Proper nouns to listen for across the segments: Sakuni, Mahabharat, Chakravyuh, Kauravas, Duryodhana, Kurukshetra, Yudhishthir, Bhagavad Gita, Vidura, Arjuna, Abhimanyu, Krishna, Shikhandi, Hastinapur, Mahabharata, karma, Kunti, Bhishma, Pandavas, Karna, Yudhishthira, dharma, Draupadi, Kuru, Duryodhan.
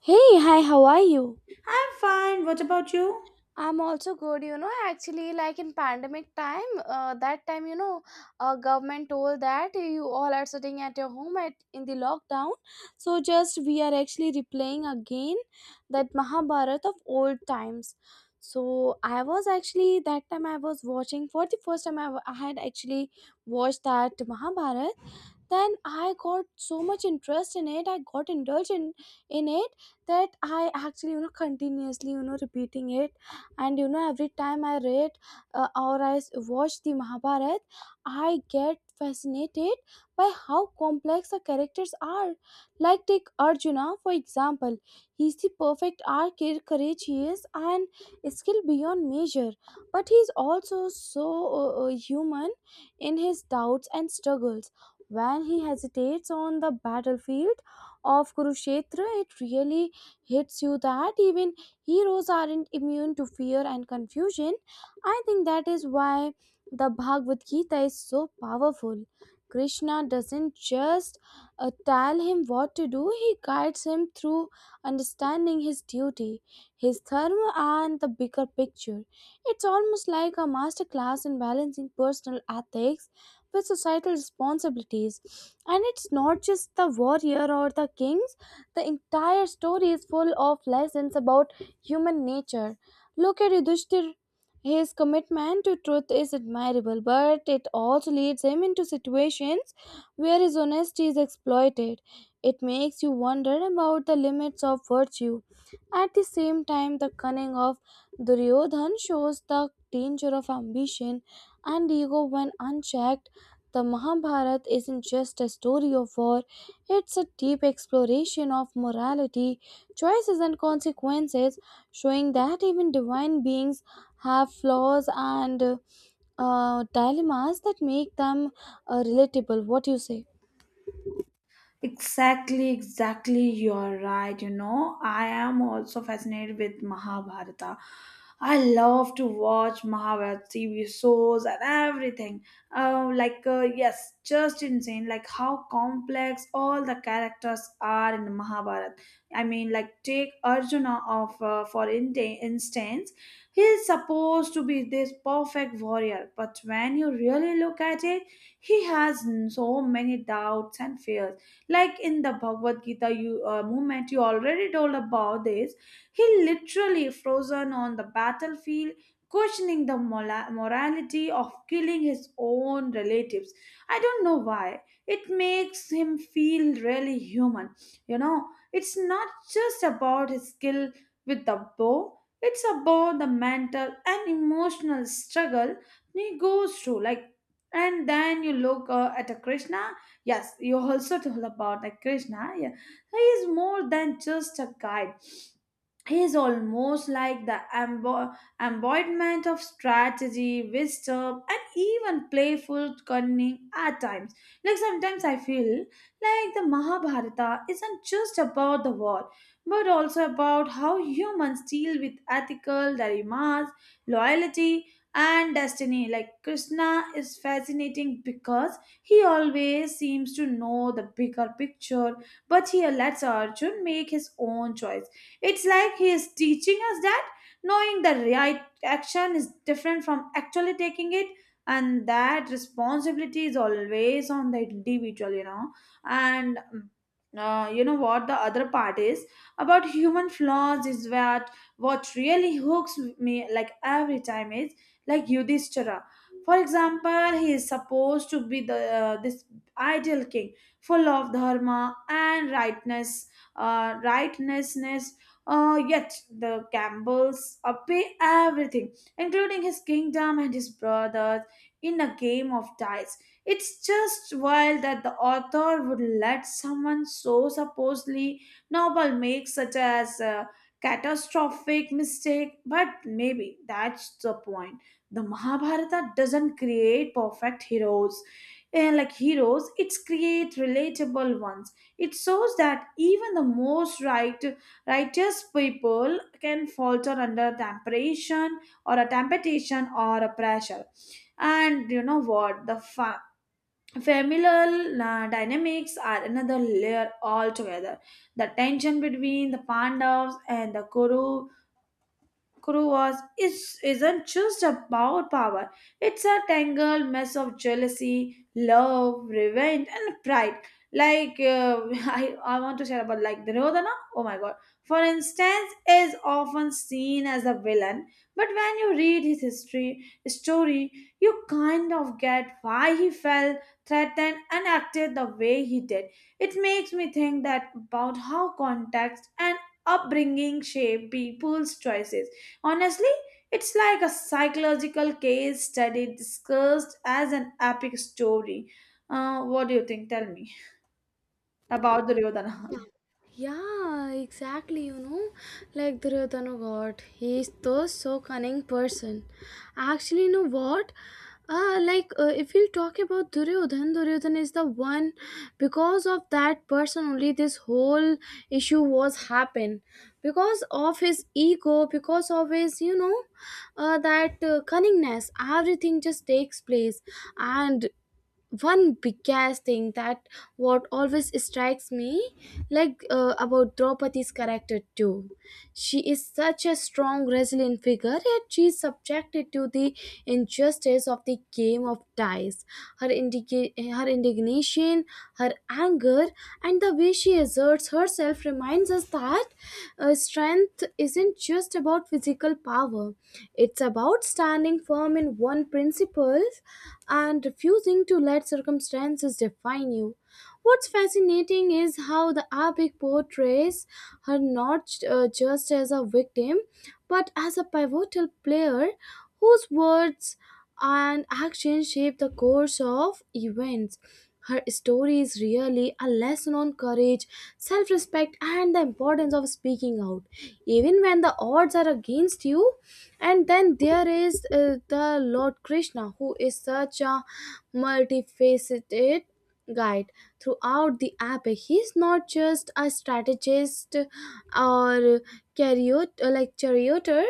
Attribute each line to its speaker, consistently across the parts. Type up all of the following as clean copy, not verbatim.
Speaker 1: Hey, hi, how are you?
Speaker 2: I'm fine. What about you?
Speaker 1: I'm also good, you know. Actually, like in pandemic time, that time, you know, government told that you all are sitting at your home at in the lockdown. So just we are actually replaying again that Mahabharat of old times. So I was actually that time I was watching for the first time I had actually watched that Mahabharat. Then I got so much interest in it. I got in it that I actually, you know, continuously, you know, repeating it, and you know every time I read or I watch the Mahabharat, I get fascinated by how complex the characters are. Like take Arjuna, for example. He's the perfect archer, courageous and skilled beyond measure, but he's also so human in his doubts and struggles. When he hesitates on the battlefield of Kurukshetra, it really hits you that even heroes aren't immune to fear and confusion. I think that is why the Bhagavad Gita is so powerful. Krishna doesn't just tell him what to do, he guides him through understanding his duty, his dharma, and the bigger picture. It's almost like a masterclass in balancing personal ethics with societal responsibilities. And it's not just the warrior or the kings, the entire story is full of lessons about human nature. Look at Yudhishthir. His commitment to truth is admirable, but it also leads him into situations where his honesty is exploited. It makes you wonder about the limits of virtue. At the same time, the cunning of Duryodhan shows the danger of ambition and ego when unchecked. The Mahabharata isn't just a story of war, it's a deep exploration of morality, choices, and consequences, showing that even divine beings have flaws and dilemmas that make them relatable. What do you say?
Speaker 2: Exactly, exactly. You're right. You know, I am also fascinated with Mahabharata. I love to watch Mahabharata TV shows and everything. Yes, just insane. Like, how complex all the characters are in Mahabharata. Take Arjuna of for in- instance. He is supposed to be this perfect warrior, but when you really look at it, he has so many doubts and fears, like in the Bhagavad Gita. You movement, you already told about this. He literally frozen on the battlefield, questioning the morality of killing his own relatives. I don't know why it makes him feel really human, you know. It's not just about his skill with the bow, it's about the mental and emotional struggle he goes through. Like and then you look at a Krishna. Yes, you also told about like Krishna. Yeah, he is more than just a guide. He is almost like the embodiment of strategy, wisdom, and even playful cunning at times. Like sometimes I feel like the Mahabharata isn't just about the war, but also about how humans deal with ethical dilemmas, loyalty, and destiny. Like Krishna is fascinating because he always seems to know the bigger picture, but he lets Arjun make his own choice. It's like he is teaching us that knowing the right action is different from actually taking it, and that responsibility is always on the individual, you know. And mm, you know what the other part is about human flaws is that what really hooks me, like every time, is like Yudhishthira. For example, he is supposed to be the this ideal king, full of dharma and rightness, rightnessness, yet the Campbells pay everything, including his kingdom and his brothers, in a game of dice. It's just wild that the author would let someone so supposedly noble make such as a catastrophic mistake, but maybe that's the point. The Mahabharata doesn't create perfect heroes. Eh, like heroes, it's create relatable ones. It shows that even the most right righteous people can falter under temptation or a pressure. And you know what? The familial dynamics are another layer altogether. The tension between the Pandavas and the Kuru is isn't just about power. It's a tangled mess of jealousy, love, revenge, and pride. Like uh, I want to share about like Duryodhana. Oh my god! For instance, is often seen as a villain, but when you read his history story, you kind of get why he felt threatened and acted the way he did. It makes me think that about how context and upbringing shape people's choices. Honestly, it's like a psychological case study discussed as an epic story. What do you think? Tell me about the Duryodhana.
Speaker 1: Yeah, exactly. You know, like Duryodhana, God, he is the so cunning person. Actually, you know what? If you talk about Duryodhan, Duryodhan is the one. Because of that person only this whole issue was happen, because of his ego, because of his, you know, that, cunningness, everything just takes place. And one biggest thing that what always strikes me, like, about Draupadi's character too, she is such a strong, resilient figure, yet she is subjected to the injustice of the game of dice. her indica- Her indignation, her anger, and the way she asserts herself reminds us that strength isn't just about physical power, it's about standing firm in one principle and refusing to let circumstances define you. What's fascinating is how the epic portrays her not, just as a victim, but as a pivotal player whose words and actions shape the course of events. Her story is really a lesson on courage, self respect, and the importance of speaking out, even when the odds are against you. And then there is, the lord Krishna, who is such a multifaceted guide. Throughout the epic, he's not just a strategist or charioteer.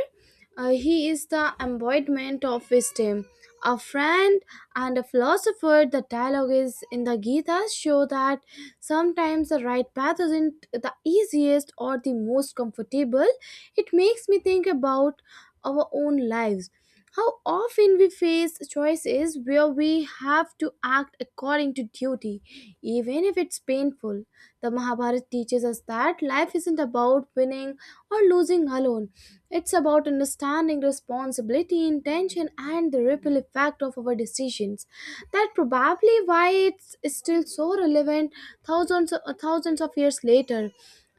Speaker 1: He is the embodiment of wisdom, a friend, and a philosopher. The dialogues in the Gita show that sometimes the right path isn't the easiest or the most comfortable. It makes me think about our own lives. How often we face choices where we have to act according to duty, even if it's painful. The Mahabharata teaches us that life isn't about winning or losing alone, it's about understanding responsibility, intention, and the ripple effect of our decisions. That probably why it's still so relevant thousands, thousands of years later.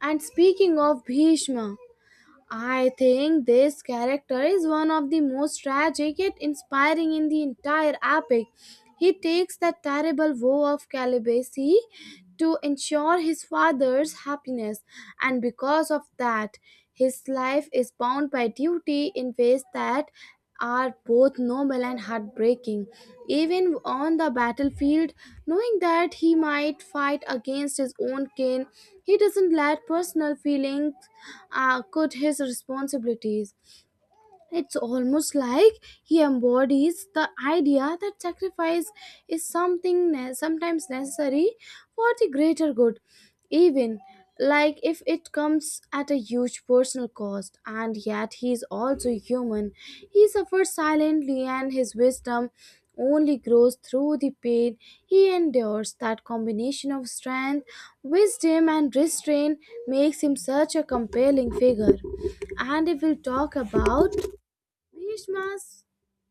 Speaker 1: And speaking of Bhishma, I think this character is one of the most tragic yet inspiring in the entire epic. He takes the terrible vow of celibacy to ensure his father's happiness, and because of that, his life is bound by duty in ways that are both noble and heartbreaking. Even on the battlefield, knowing that he might fight against his own kin, he doesn't let personal feelings cut his responsibilities. It's almost like he embodies the idea that sacrifice is something sometimes necessary for the greater good, even like if it comes at a huge personal cost. And yet, he is also human. He suffers silently, and his wisdom only grows through the pain he endures. That combination of strength, wisdom, and restraint makes him such a compelling figure. And if we'll talk about Bhishma's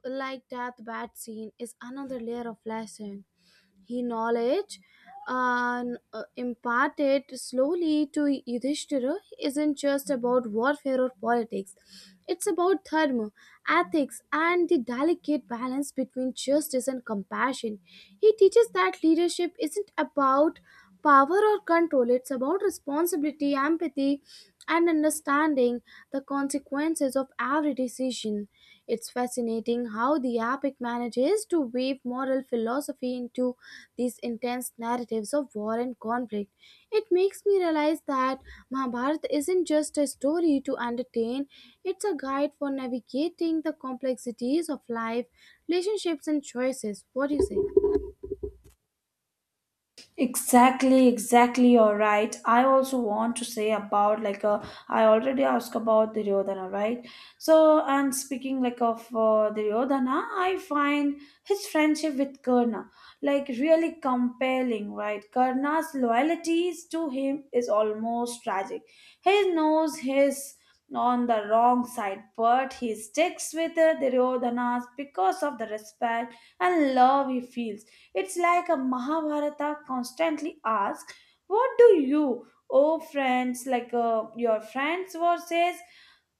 Speaker 1: like death bat scene, is another layer of lesson. He knowledge uh, imparted slowly to Yudhishthira isn't just about warfare or politics. It's about dharma, ethics, and the delicate balance between justice and compassion. He teaches that leadership isn't about power or control, it's about responsibility, empathy, and understanding the consequences of every decision. It's fascinating how the epic manages to weave moral philosophy into these intense narratives of war and conflict. It makes me realize that Mahabharata isn't just a story to entertain, it's a guide for navigating the complexities of life, relationships, and choices. What do you say?
Speaker 2: Exactly, exactly. You're right. I also want to say about I already asked about Duryodhana, right? So, and speaking like of Duryodhana, I find his friendship with Karna like really compelling, right? Karna's loyalties to him is almost tragic. He knows his on the wrong side, but he sticks with Duryodhana because of the respect and love he feels. It's like a Mahabharata constantly asks, what do you, oh friends, like your friends versus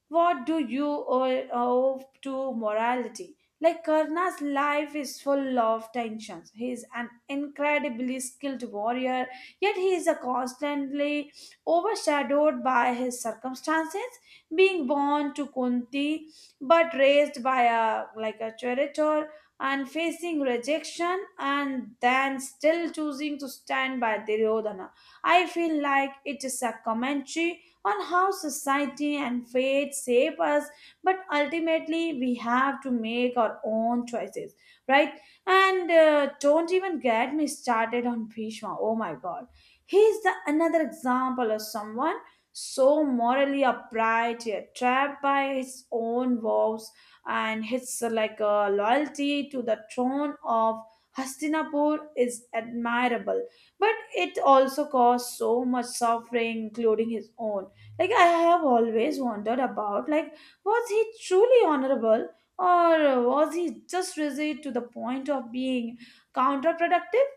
Speaker 2: what do you owe to morality? Like Karna's life is full of tensions. He is an incredibly skilled warrior, yet he is a constantly overshadowed by his circumstances. Being born to Kunti, but raised by a like a traitor, and facing rejection, and then still choosing to stand by Duryodhana. I feel like it is a commentary on how society and fate shape us, but ultimately we have to make our own choices, right? And don't even get me started on Bhishma. Oh my God, he's the another example of someone so morally upright, yet trapped by his own vows, and his loyalty to the throne of Hastinapur is admirable, but it also caused so much suffering, including his own. Like I have always wondered about like, was he truly honorable, or was he just rigid to the point of being counterproductive?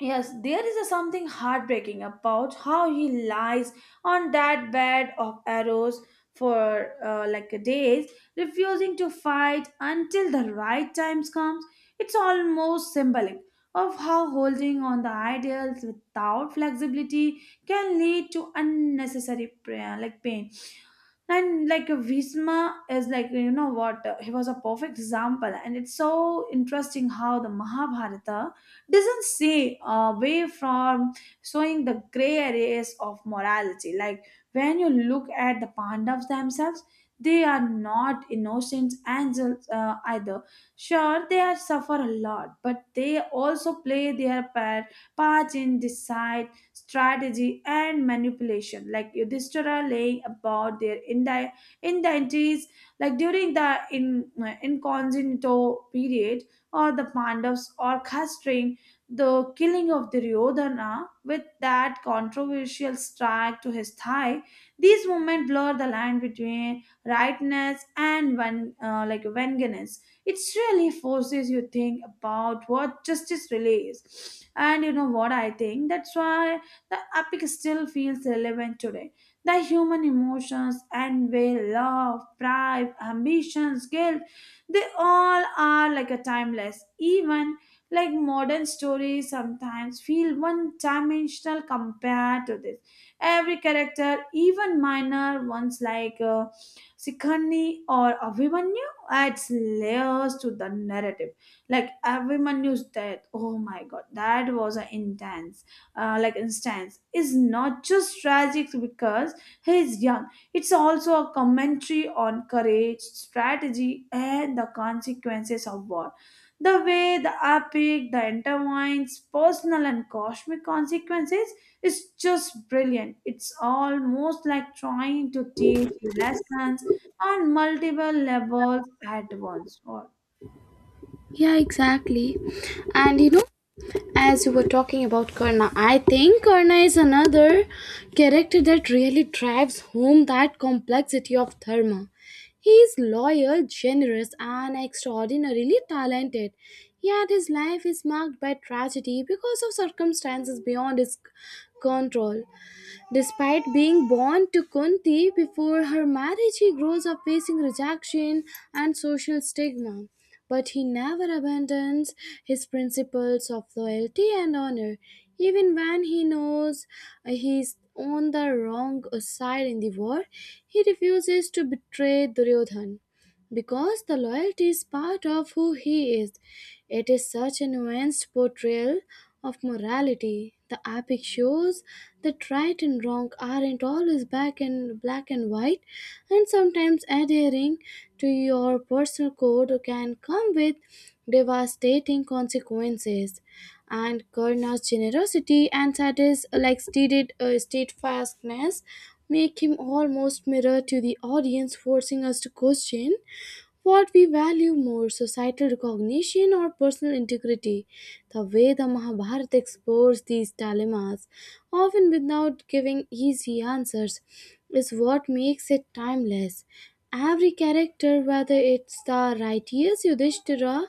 Speaker 2: Yes, there is a something heartbreaking about how he lies on that bed of arrows for like days, refusing to fight until the right time comes. It's almost symbolic of how holding on the ideals without flexibility can lead to unnecessary like pain. And like Visma is like, you know what, he was a perfect example. And it's so interesting how the Mahabharata doesn't say away from showing the gray areas of morality. Like when you look at the Pandavas themselves, they are not innocent angels, either. Sure they are suffer a lot, but they also play their part in decide strategy, and manipulation. Like Yudhishthira laying about their indentities, like during the incognito period, or the Pandavas orchestrating the killing of Duryodhana with that controversial strike to his thigh. These movements blur the line between rightness and like vengeance. It really forces you think about what justice really is. And you know what, I think that's why the epic still feels relevant today. The human emotions, envy, love, pride, ambitions, guilt, they all are like a timeless. Even like modern stories sometimes feel one dimensional compared to this. Every character, even minor ones like Sikhani or Abhimanyu, adds layers to the narrative. Like Abhimanyu's death, oh my god, that was a intense like instance, is not just tragic because he is young. It's also a commentary on courage, strategy, and the consequences of war. The way the epic the intertwines personal and cosmic consequences is just brilliant. It's almost like trying to teach lessons on multiple levels at once, or
Speaker 1: Yeah, exactly. And you know, as you were talking about Karna, I think Karna is another character that really drives home that complexity of Dharma. He is loyal, generous, and extraordinarily talented. Yet his life is marked by tragedy because of circumstances beyond his control. Despite being born to Kunti before her marriage, he grows up facing rejection and social stigma. But he never abandons his principles of loyalty and honor, even when he knows he's on the wrong side in the war. He refuses to betray Duryodhan, because the loyalty is part of who he is. It is such a nuanced portrayal of morality. The epic shows that right and wrong aren't always black and white, and sometimes adhering to your personal code can come with devastating consequences. And Karna's generosity and sadness, like stated steadfastness, make him almost mirror to the audience, forcing us to question what we value more, societal recognition or personal integrity? The way the Mahabharata explores these dilemmas, often without giving easy answers, is what makes it timeless. Every character, whether it's the righteous Yudhishthira,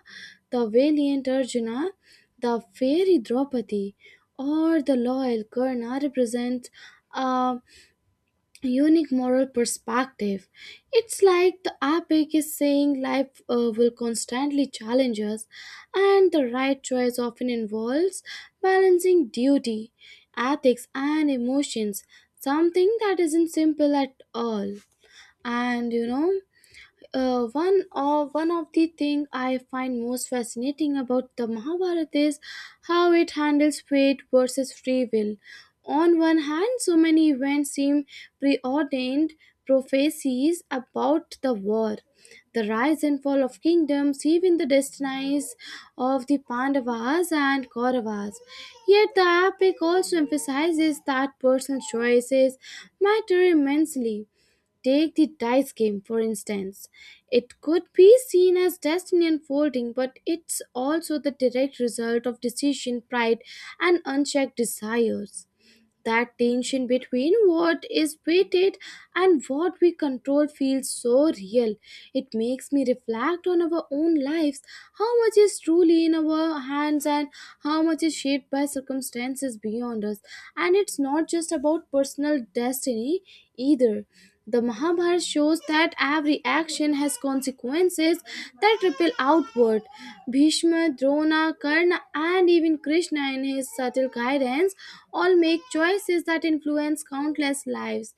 Speaker 1: the valiant Arjuna, the fairy Draupadi, or the loyal Karna, represents a unique moral perspective. It's like the epic is saying life will constantly challenge us, and the right choice often involves balancing duty, ethics, and emotions, something that isn't simple at all. And you know, one of the thing I find most fascinating about the Mahabharata is how it handles fate versus free will. On one hand, so many events seem preordained, prophecies about the war, the rise and fall of kingdoms, even the destinies of the Pandavas and Kauravas. Yet the epic also emphasizes that personal choices matter immensely. Take the dice game, for instance. It could be seen as destiny unfolding, but it's also the direct result of decision, pride, and unchecked desires. That tension between what is weighted and what we control feels so real. It makes me reflect on our own lives, how much is truly in our hands and how much is shaped by circumstances beyond us. And it's not just about personal destiny either, the Mahabharata shows that every action has consequences that ripple outward. Bhishma, Drona, Karna, and even Krishna, in his subtle guidance, all make choices that influence countless lives.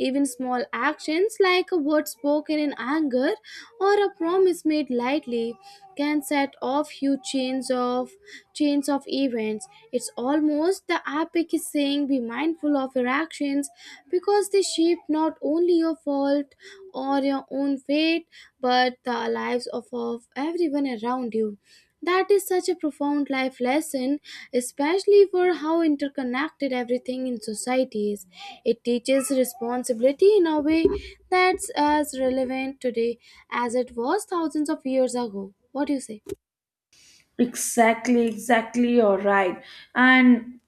Speaker 1: Even small actions like a word spoken in anger or a promise made lightly can set off huge chains of events. It's almost the epic is saying be mindful of your actions because they shape not only your fault or your own fate, but the lives of everyone around you. That is such a profound life lesson, especially for how interconnected everything in society is. It teaches responsibility in a way that's as relevant today as it was thousands of years ago. What do you say?
Speaker 2: exactly, exactly, you're right. And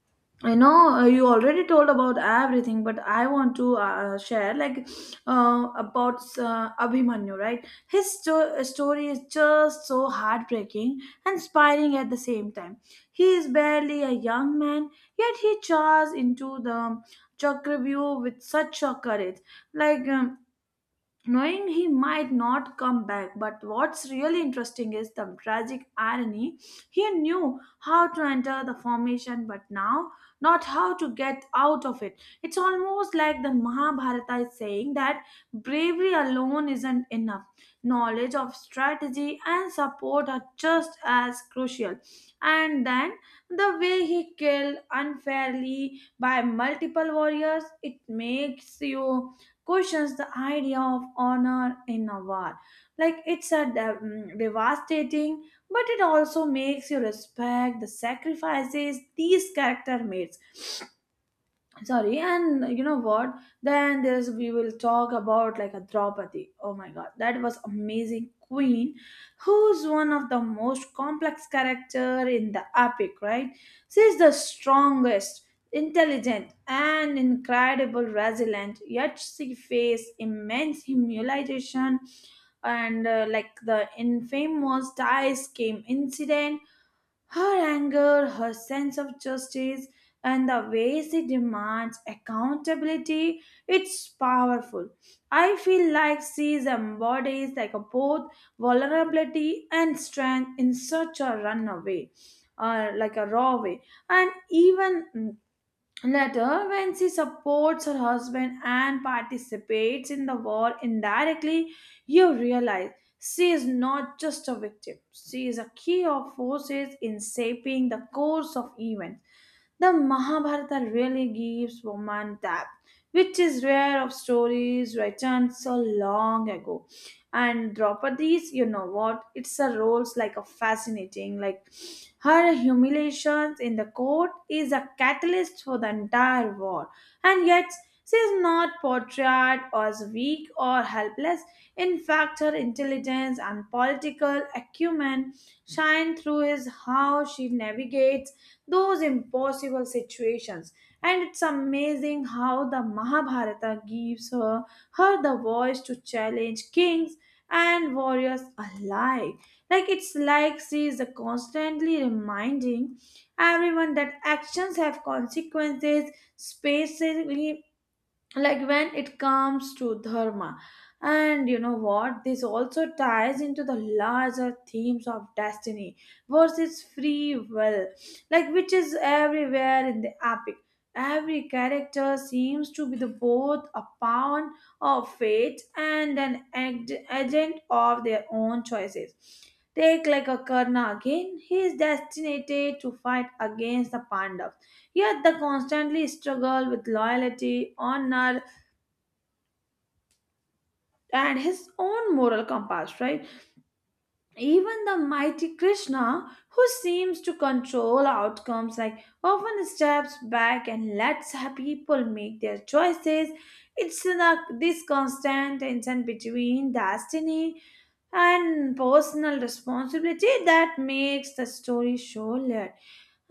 Speaker 2: I know you already told about everything, but I want to share like about Abhimanyu, right? His story is just so heartbreaking and inspiring at the same time. He is barely a young man, yet he charges into the Chakravyuh with such a courage. Like knowing he might not come back. But what's really interesting is the tragic irony. He knew how to enter the formation, but now not how to get out of it. It's almost like the Mahabharata is saying that bravery alone isn't enough. Knowledge of strategy and support are just as crucial. And then the way he killed unfairly by multiple warriors, it makes you questions the idea of honor in a war. Like it's a devastating, but it also makes you respect the sacrifices these character made. Sorry, and you know what, then there's, we will talk about like a Draupadi, oh my god, that was amazing queen, who's one of the most complex character in the epic, right? She's the strongest, intelligent and incredible resilient, yet she faced immense humiliation and like the infamous dice game incident. Her anger, her sense of justice, and the way she demands accountability, it's powerful. I feel like she embodies like a both vulnerability and strength in such a runaway, like a raw way. And even later, when she supports her husband and participates in the war indirectly, you realize she is not just a victim, she is a key of forces in shaping the course of events. The Mahabharata really gives woman depth, which is rare of stories written so long ago. And Draupadi's, you know what, it's a roles like a fascinating, like her humiliations in the court is a catalyst for the entire war, and yet she is not portrayed as weak or helpless. In fact, her intelligence and political acumen shine through is how she navigates those impossible situations. And it's amazing how the Mahabharata gives her, her the voice to challenge kings and warriors alike. Like it's like she is constantly reminding everyone that actions have consequences, especially like when it comes to dharma. And you know what, this also ties into the larger themes of destiny versus free will, like which is everywhere in the epic. Every character seems to be the both a pawn of fate and an agent of their own choices. Take like a Karna again, he is destined to fight against the Pandavas. Yet they constantly struggle with loyalty, honor, and his own moral compass, right? Even the mighty Krishna, who seems to control outcomes, like often steps back and lets people make their choices. It's this constant tension between destiny and personal responsibility that makes the story so layered.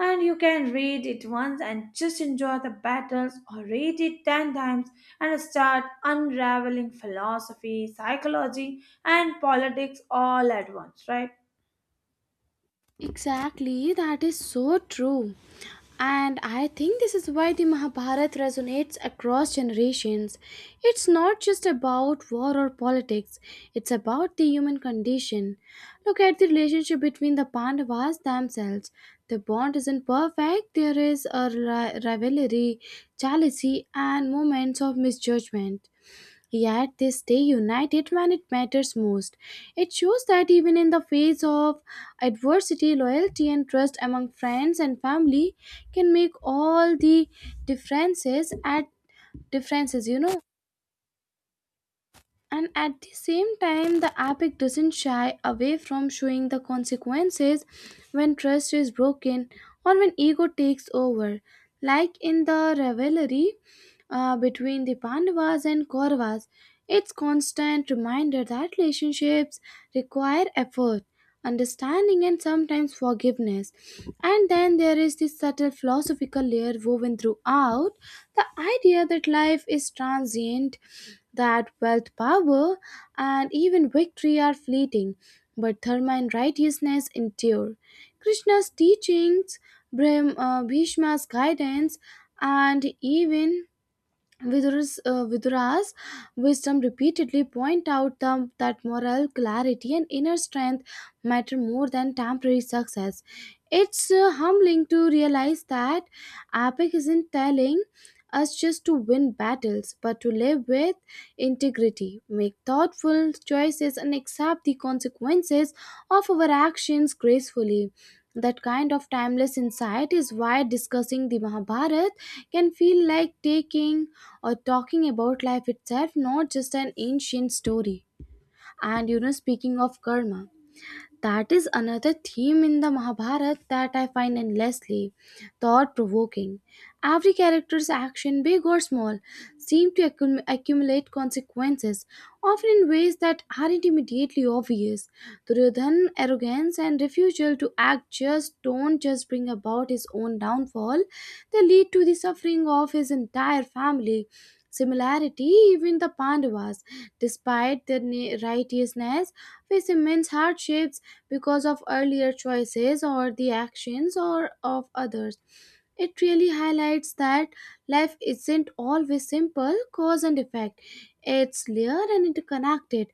Speaker 2: And you can read it once and just enjoy the battles, or read it 10 times and start unraveling philosophy, psychology, and politics all at once, right?
Speaker 1: Exactly, that is so true. And I think this is why the Mahabharata resonates across generations. It's not just about war or politics, it's about the human condition. Look at the relationship between the Pandavas themselves. The bond isn't perfect, there is a rivalry, jealousy, and moments of misjudgment. Yet they stay united when it matters most. It shows that even in the face of adversity, loyalty and trust among friends and family can make all the differences at differences, you know. And at the same time, the epic doesn't shy away from showing the consequences when trust is broken or when ego takes over. Like in the revelry, between the Pandavas and Kauravas. It's constant reminder that relationships require effort, understanding, and sometimes forgiveness. And then there is this subtle philosophical layer woven throughout, the idea that life is transient, that wealth, power, and even victory are fleeting, but dharma and righteousness endure. Krishna's teachings, Bhishma's guidance, and even Vidura's wisdom repeatedly point out that moral clarity and inner strength matter more than temporary success. It's humbling to realize that epic isn't telling us just to win battles, but to live with integrity, make thoughtful choices, and accept the consequences of our actions gracefully. That kind of timeless insight is why discussing the Mahabharata can feel like taking or talking about life itself, not just an ancient story. And you know, speaking of karma, that is another theme in the Mahabharata that I find endlessly thought provoking. Every character's action, big or small, seem to accumulate consequences, often in ways that aren't immediately obvious. Duryodhan's arrogance and refusal to act just don't just bring about his own downfall, they lead to the suffering of his entire family. Similarity, even the Pandavas, despite their righteousness, face immense hardships because of earlier choices or the actions or of others. It really highlights that life isn't always simple cause and effect. It's layered and interconnected,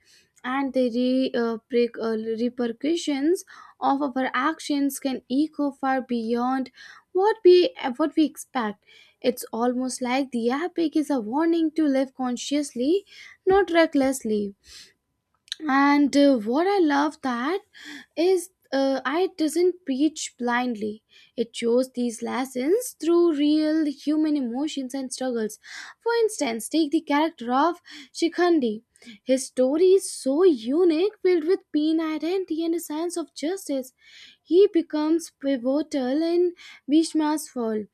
Speaker 1: and the repercussions of our actions can echo far beyond what we expect. It's almost like the epic is a warning to live consciously, not recklessly. And What I love that is I doesn't preach blindly. It shows these lessons through real human emotions and struggles. For instance, take the character of Shikhandi. His story is so unique, filled with pain, identity, and a sense of justice. He becomes pivotal in Bhishma's fall.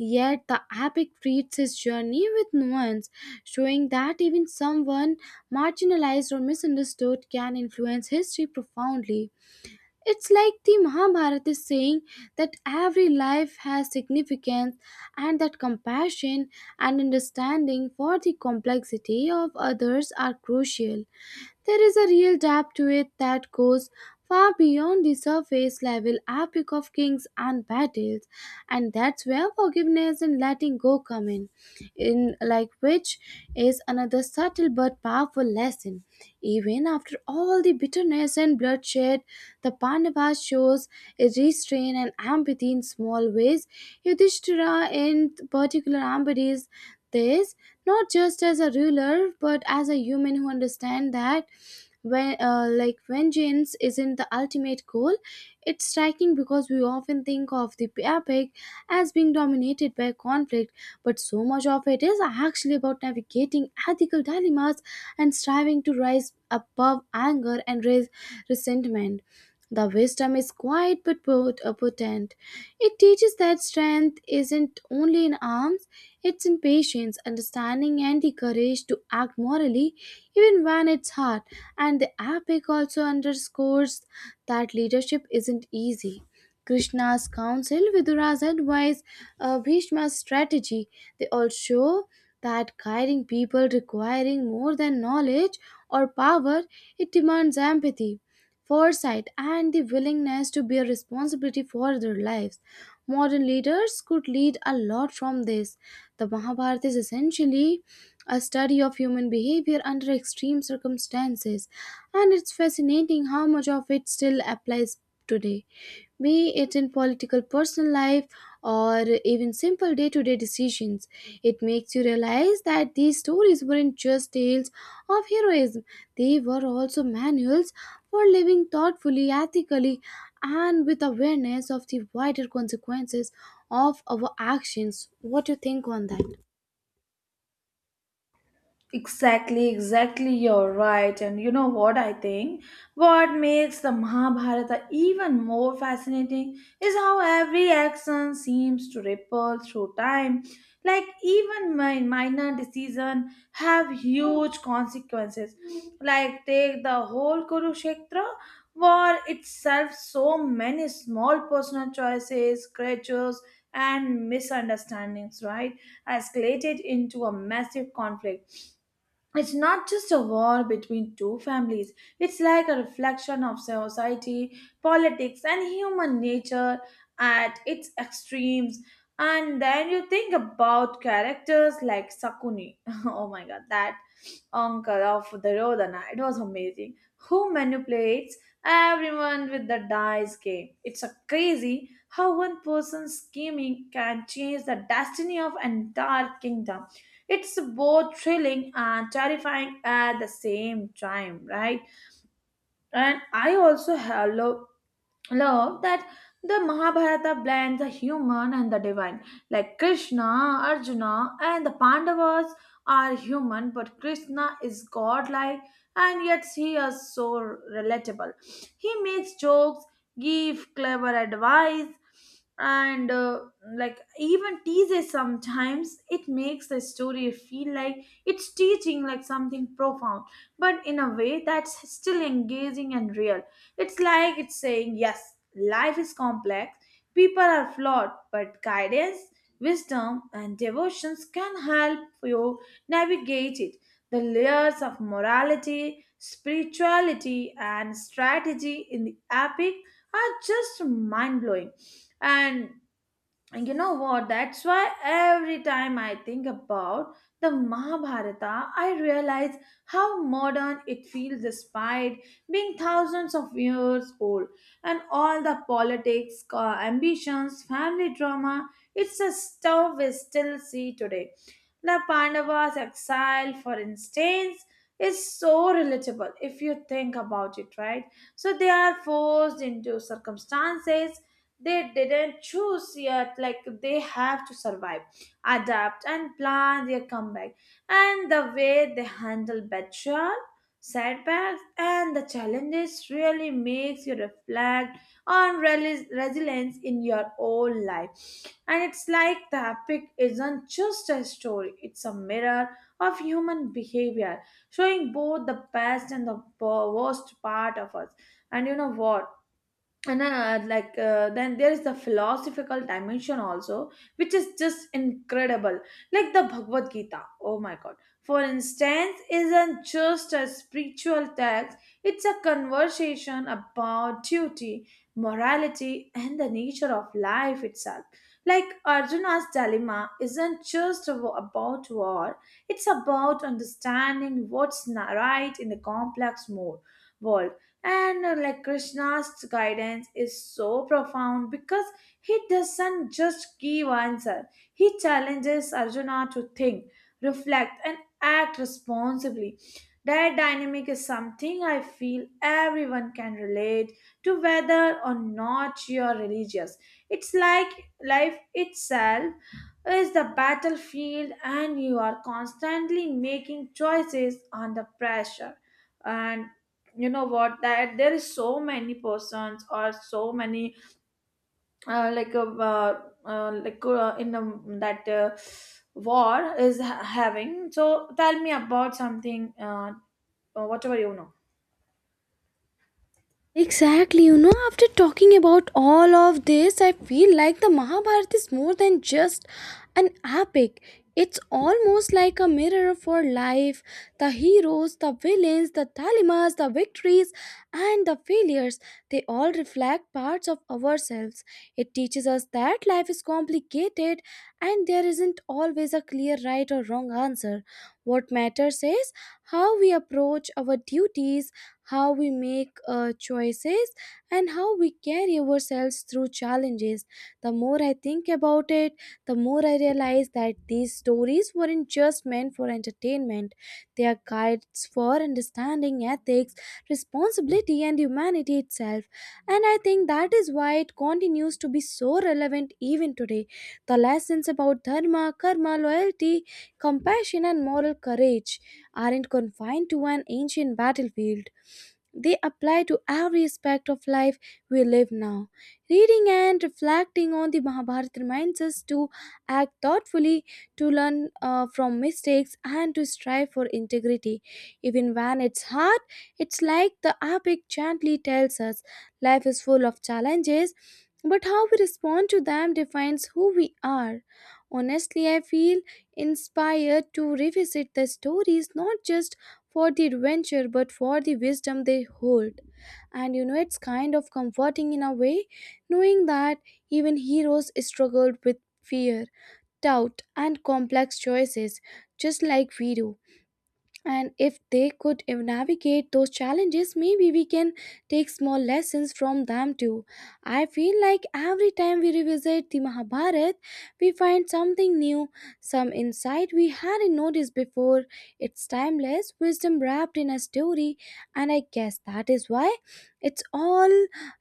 Speaker 1: Yet the epic treats his journey with nuance, showing that even someone marginalized or misunderstood can influence history profoundly. It's like the Mahabharata is saying that every life has significance and that compassion and understanding for the complexity of others are crucial. There is a real depth to it that goes far beyond the surface level epic of kings and battles, and that's where forgiveness and letting go come in, which is another subtle but powerful lesson. Even after all the bitterness and bloodshed, the Pandavas shows a restraint and empathy in small ways. Yudhishthira in particular embodies this, not just as a ruler but as a human who understands that when like vengeance isn't the ultimate goal. It's striking because we often think of the epic as being dominated by conflict, but so much of it is actually about navigating ethical dilemmas and striving to rise above anger and raise resentment. The wisdom is quiet but potent. It teaches that strength isn't only in arms, it's in patience, understanding, and the courage to act morally even when it's hard. And the epic also underscores that leadership isn't easy. Krishna's counsel, Vidura's advice, Bhishma's strategy, they all show that guiding people requiring more than knowledge or power. It demands empathy, foresight, and the willingness to bear responsibility for their lives. Modern leaders could lead a lot from this. The Mahabharata is essentially a study of human behavior under extreme circumstances, and it's fascinating how much of it still applies today, be it in political, personal life, or even simple day to day decisions. It makes you realize that these stories weren't just tales of heroism, they were also manuals for living thoughtfully, ethically, and with awareness of the wider consequences of our actions. What do you think on that?
Speaker 2: Exactly, exactly, you're right. And you know what I think? What makes the Mahabharata even more fascinating is how every action seems to ripple through time. Like even my minor decision have huge consequences. Like take the whole Kurukshetra war itself, so many small personal choices, creatures, and misunderstandings, right? Escalated into a massive conflict, it's not just a war between two families, it's like a reflection of society, politics and human nature at its extremes. And then you think about characters like Sakuni oh my god, that uncle of Duryodhana, it was amazing, who manipulates everyone with the dice game. It's a crazy how one person's scheming can change the destiny of entire kingdom. It's both thrilling and terrifying at the same time, right? And I also hello love that the Mahabharata blends the human and the divine. Like Krishna, Arjuna, and the Pandavas are human, but Krishna is godlike and yet he is so relatable. He makes jokes, gives clever advice, and like even teases sometimes. It makes the story feel like it's teaching like something profound, but in a way that's still engaging and real. It's like it's saying, yes, life is complex, people are flawed, but guidance, wisdom, and devotions can help you navigate it. The layers of morality, spirituality, and strategy in the epic are just mind blowing. And and you know what? That's why every time I think about the Mahabharata, I realize how modern it feels despite being thousands of years old. And all the politics, ambitions, family drama, it's a stuff we still see today. The Pandavas' exile, for instance, is so relatable if you think about it, right? So they are forced into circumstances they didn't choose, yet like they have to survive, adapt and plan their comeback. And the way they handle betrayal, setbacks and the challenges really makes you reflect on resilience in your own life. And it's like the epic isn't just a story, it's a mirror of human behavior, showing both the best and the worst part of us. And you know what, and then there is the philosophical dimension also, which is just incredible. Like the Bhagavad Gita, oh my god, for instance isn't just a spiritual text, it's a conversation about duty, morality and the nature of life itself. Like Arjuna's dilemma isn't just about war, it's about understanding what's right in the complex mode world. And like Krishna's guidance is so profound because he doesn't just give answer, he challenges Arjuna to think, reflect and act responsibly. That dynamic is something I feel everyone can relate to, whether or not you are religious. It's like life itself is the battlefield and you are constantly making choices under pressure. And you know what, that there is so many persons or so many uh, like uh, like in that war is having. So tell me about something, whatever you know.
Speaker 1: Exactly, you know, after talking about all of this, I feel like the Mahabharata is more than just an epic. It's almost like a mirror of our life. The heroes, the villains, the dilemmas, the victories, and the failures. They all reflect parts of ourselves. It teaches us that life is complicated and there isn't always a clear right or wrong answer. What matters is how we approach our duties, how we make choices, and how we carry ourselves through challenges. The more I think about it, the more I realize that these stories weren't just meant for entertainment. They are guides for understanding ethics, responsibility, and humanity itself. And I think that is why it continues to be so relevant even today. The lessons about dharma, karma, loyalty, compassion, and moral courage aren't confined to an ancient battlefield. They apply to every aspect of life we live now. Reading and reflecting on the Mahabharata reminds us to act thoughtfully, to learn from mistakes, and to strive for integrity. Even when it's hard, it's like the epic gently tells us life is full of challenges, but how we respond to them defines who we are. Honestly, I feel inspired to revisit the stories not just for the adventure but for the wisdom they hold. And you know, it's kind of comforting in a way knowing that even heroes struggled with fear, doubt, and complex choices just like we do. And if they could navigate those challenges, maybe we can take small lessons from them too. I feel like every time we revisit the Mahabharata, we find something new, some insight we hadn't noticed before. It's timeless wisdom wrapped in a story, and I guess that is why it's all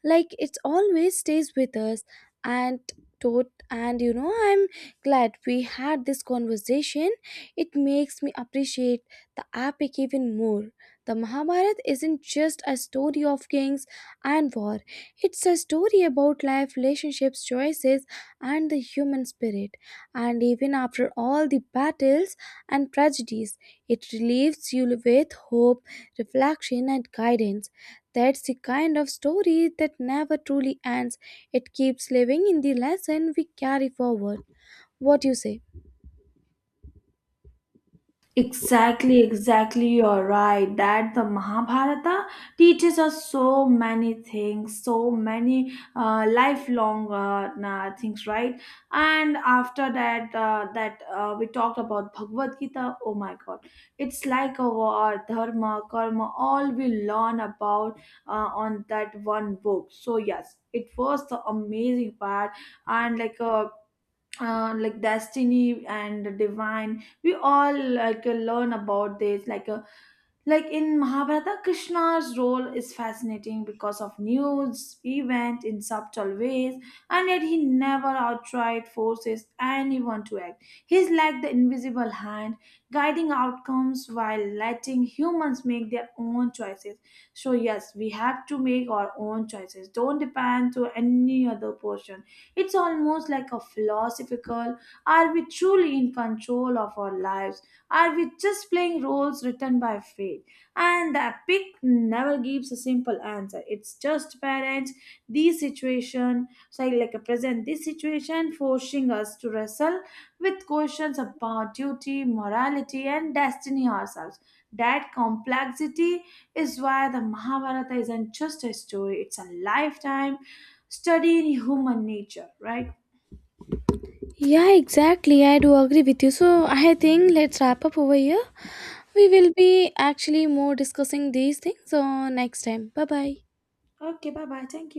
Speaker 1: like it's always stays with us. And and you know, I'm glad we had this conversation. It makes me appreciate the app became even more. The Mahabharata isn't just a story of kings and war, it's a story about life, relationships, choices, and the human spirit. And even after all the battles and tragedies, it leaves you with hope, reflection, and guidance. That's the kind of story that never truly ends. It keeps living in the lesson we carry forward. What do you say?
Speaker 2: Exactly, exactly, you're right. That the Mahabharata teaches us so many things, so many lifelong things, right? And after that, we talked about Bhagavad Gita. Oh my God, it's like our dharma, karma, all we learn about on that one book. So yes, it was the amazing part, and like destiny and divine we all learn about this like in Mahabharata, Krishna's role is fascinating because of news event in subtle ways, and yet he never outright forces anyone to act. He's like the invisible hand guiding outcomes while letting humans make their own choices. So yes, we have to make our own choices, don't depend to any other person. It's almost like a philosophical, are we truly in control of our lives? Are we just playing roles written by fate? And the epic never gives a simple answer. It's just parents, these situation, so like a present this situation forcing us to wrestle with questions about duty, morality, and destiny ourselves. That complexity is why the Mahabharata isn't just a story, it's a lifetime studying human nature, right?
Speaker 1: Yeah, exactly. I do agree with you. So I think let's wrap up over here. We will be actually more discussing these things on next time. Bye bye.
Speaker 2: Okay, bye bye. Thank you.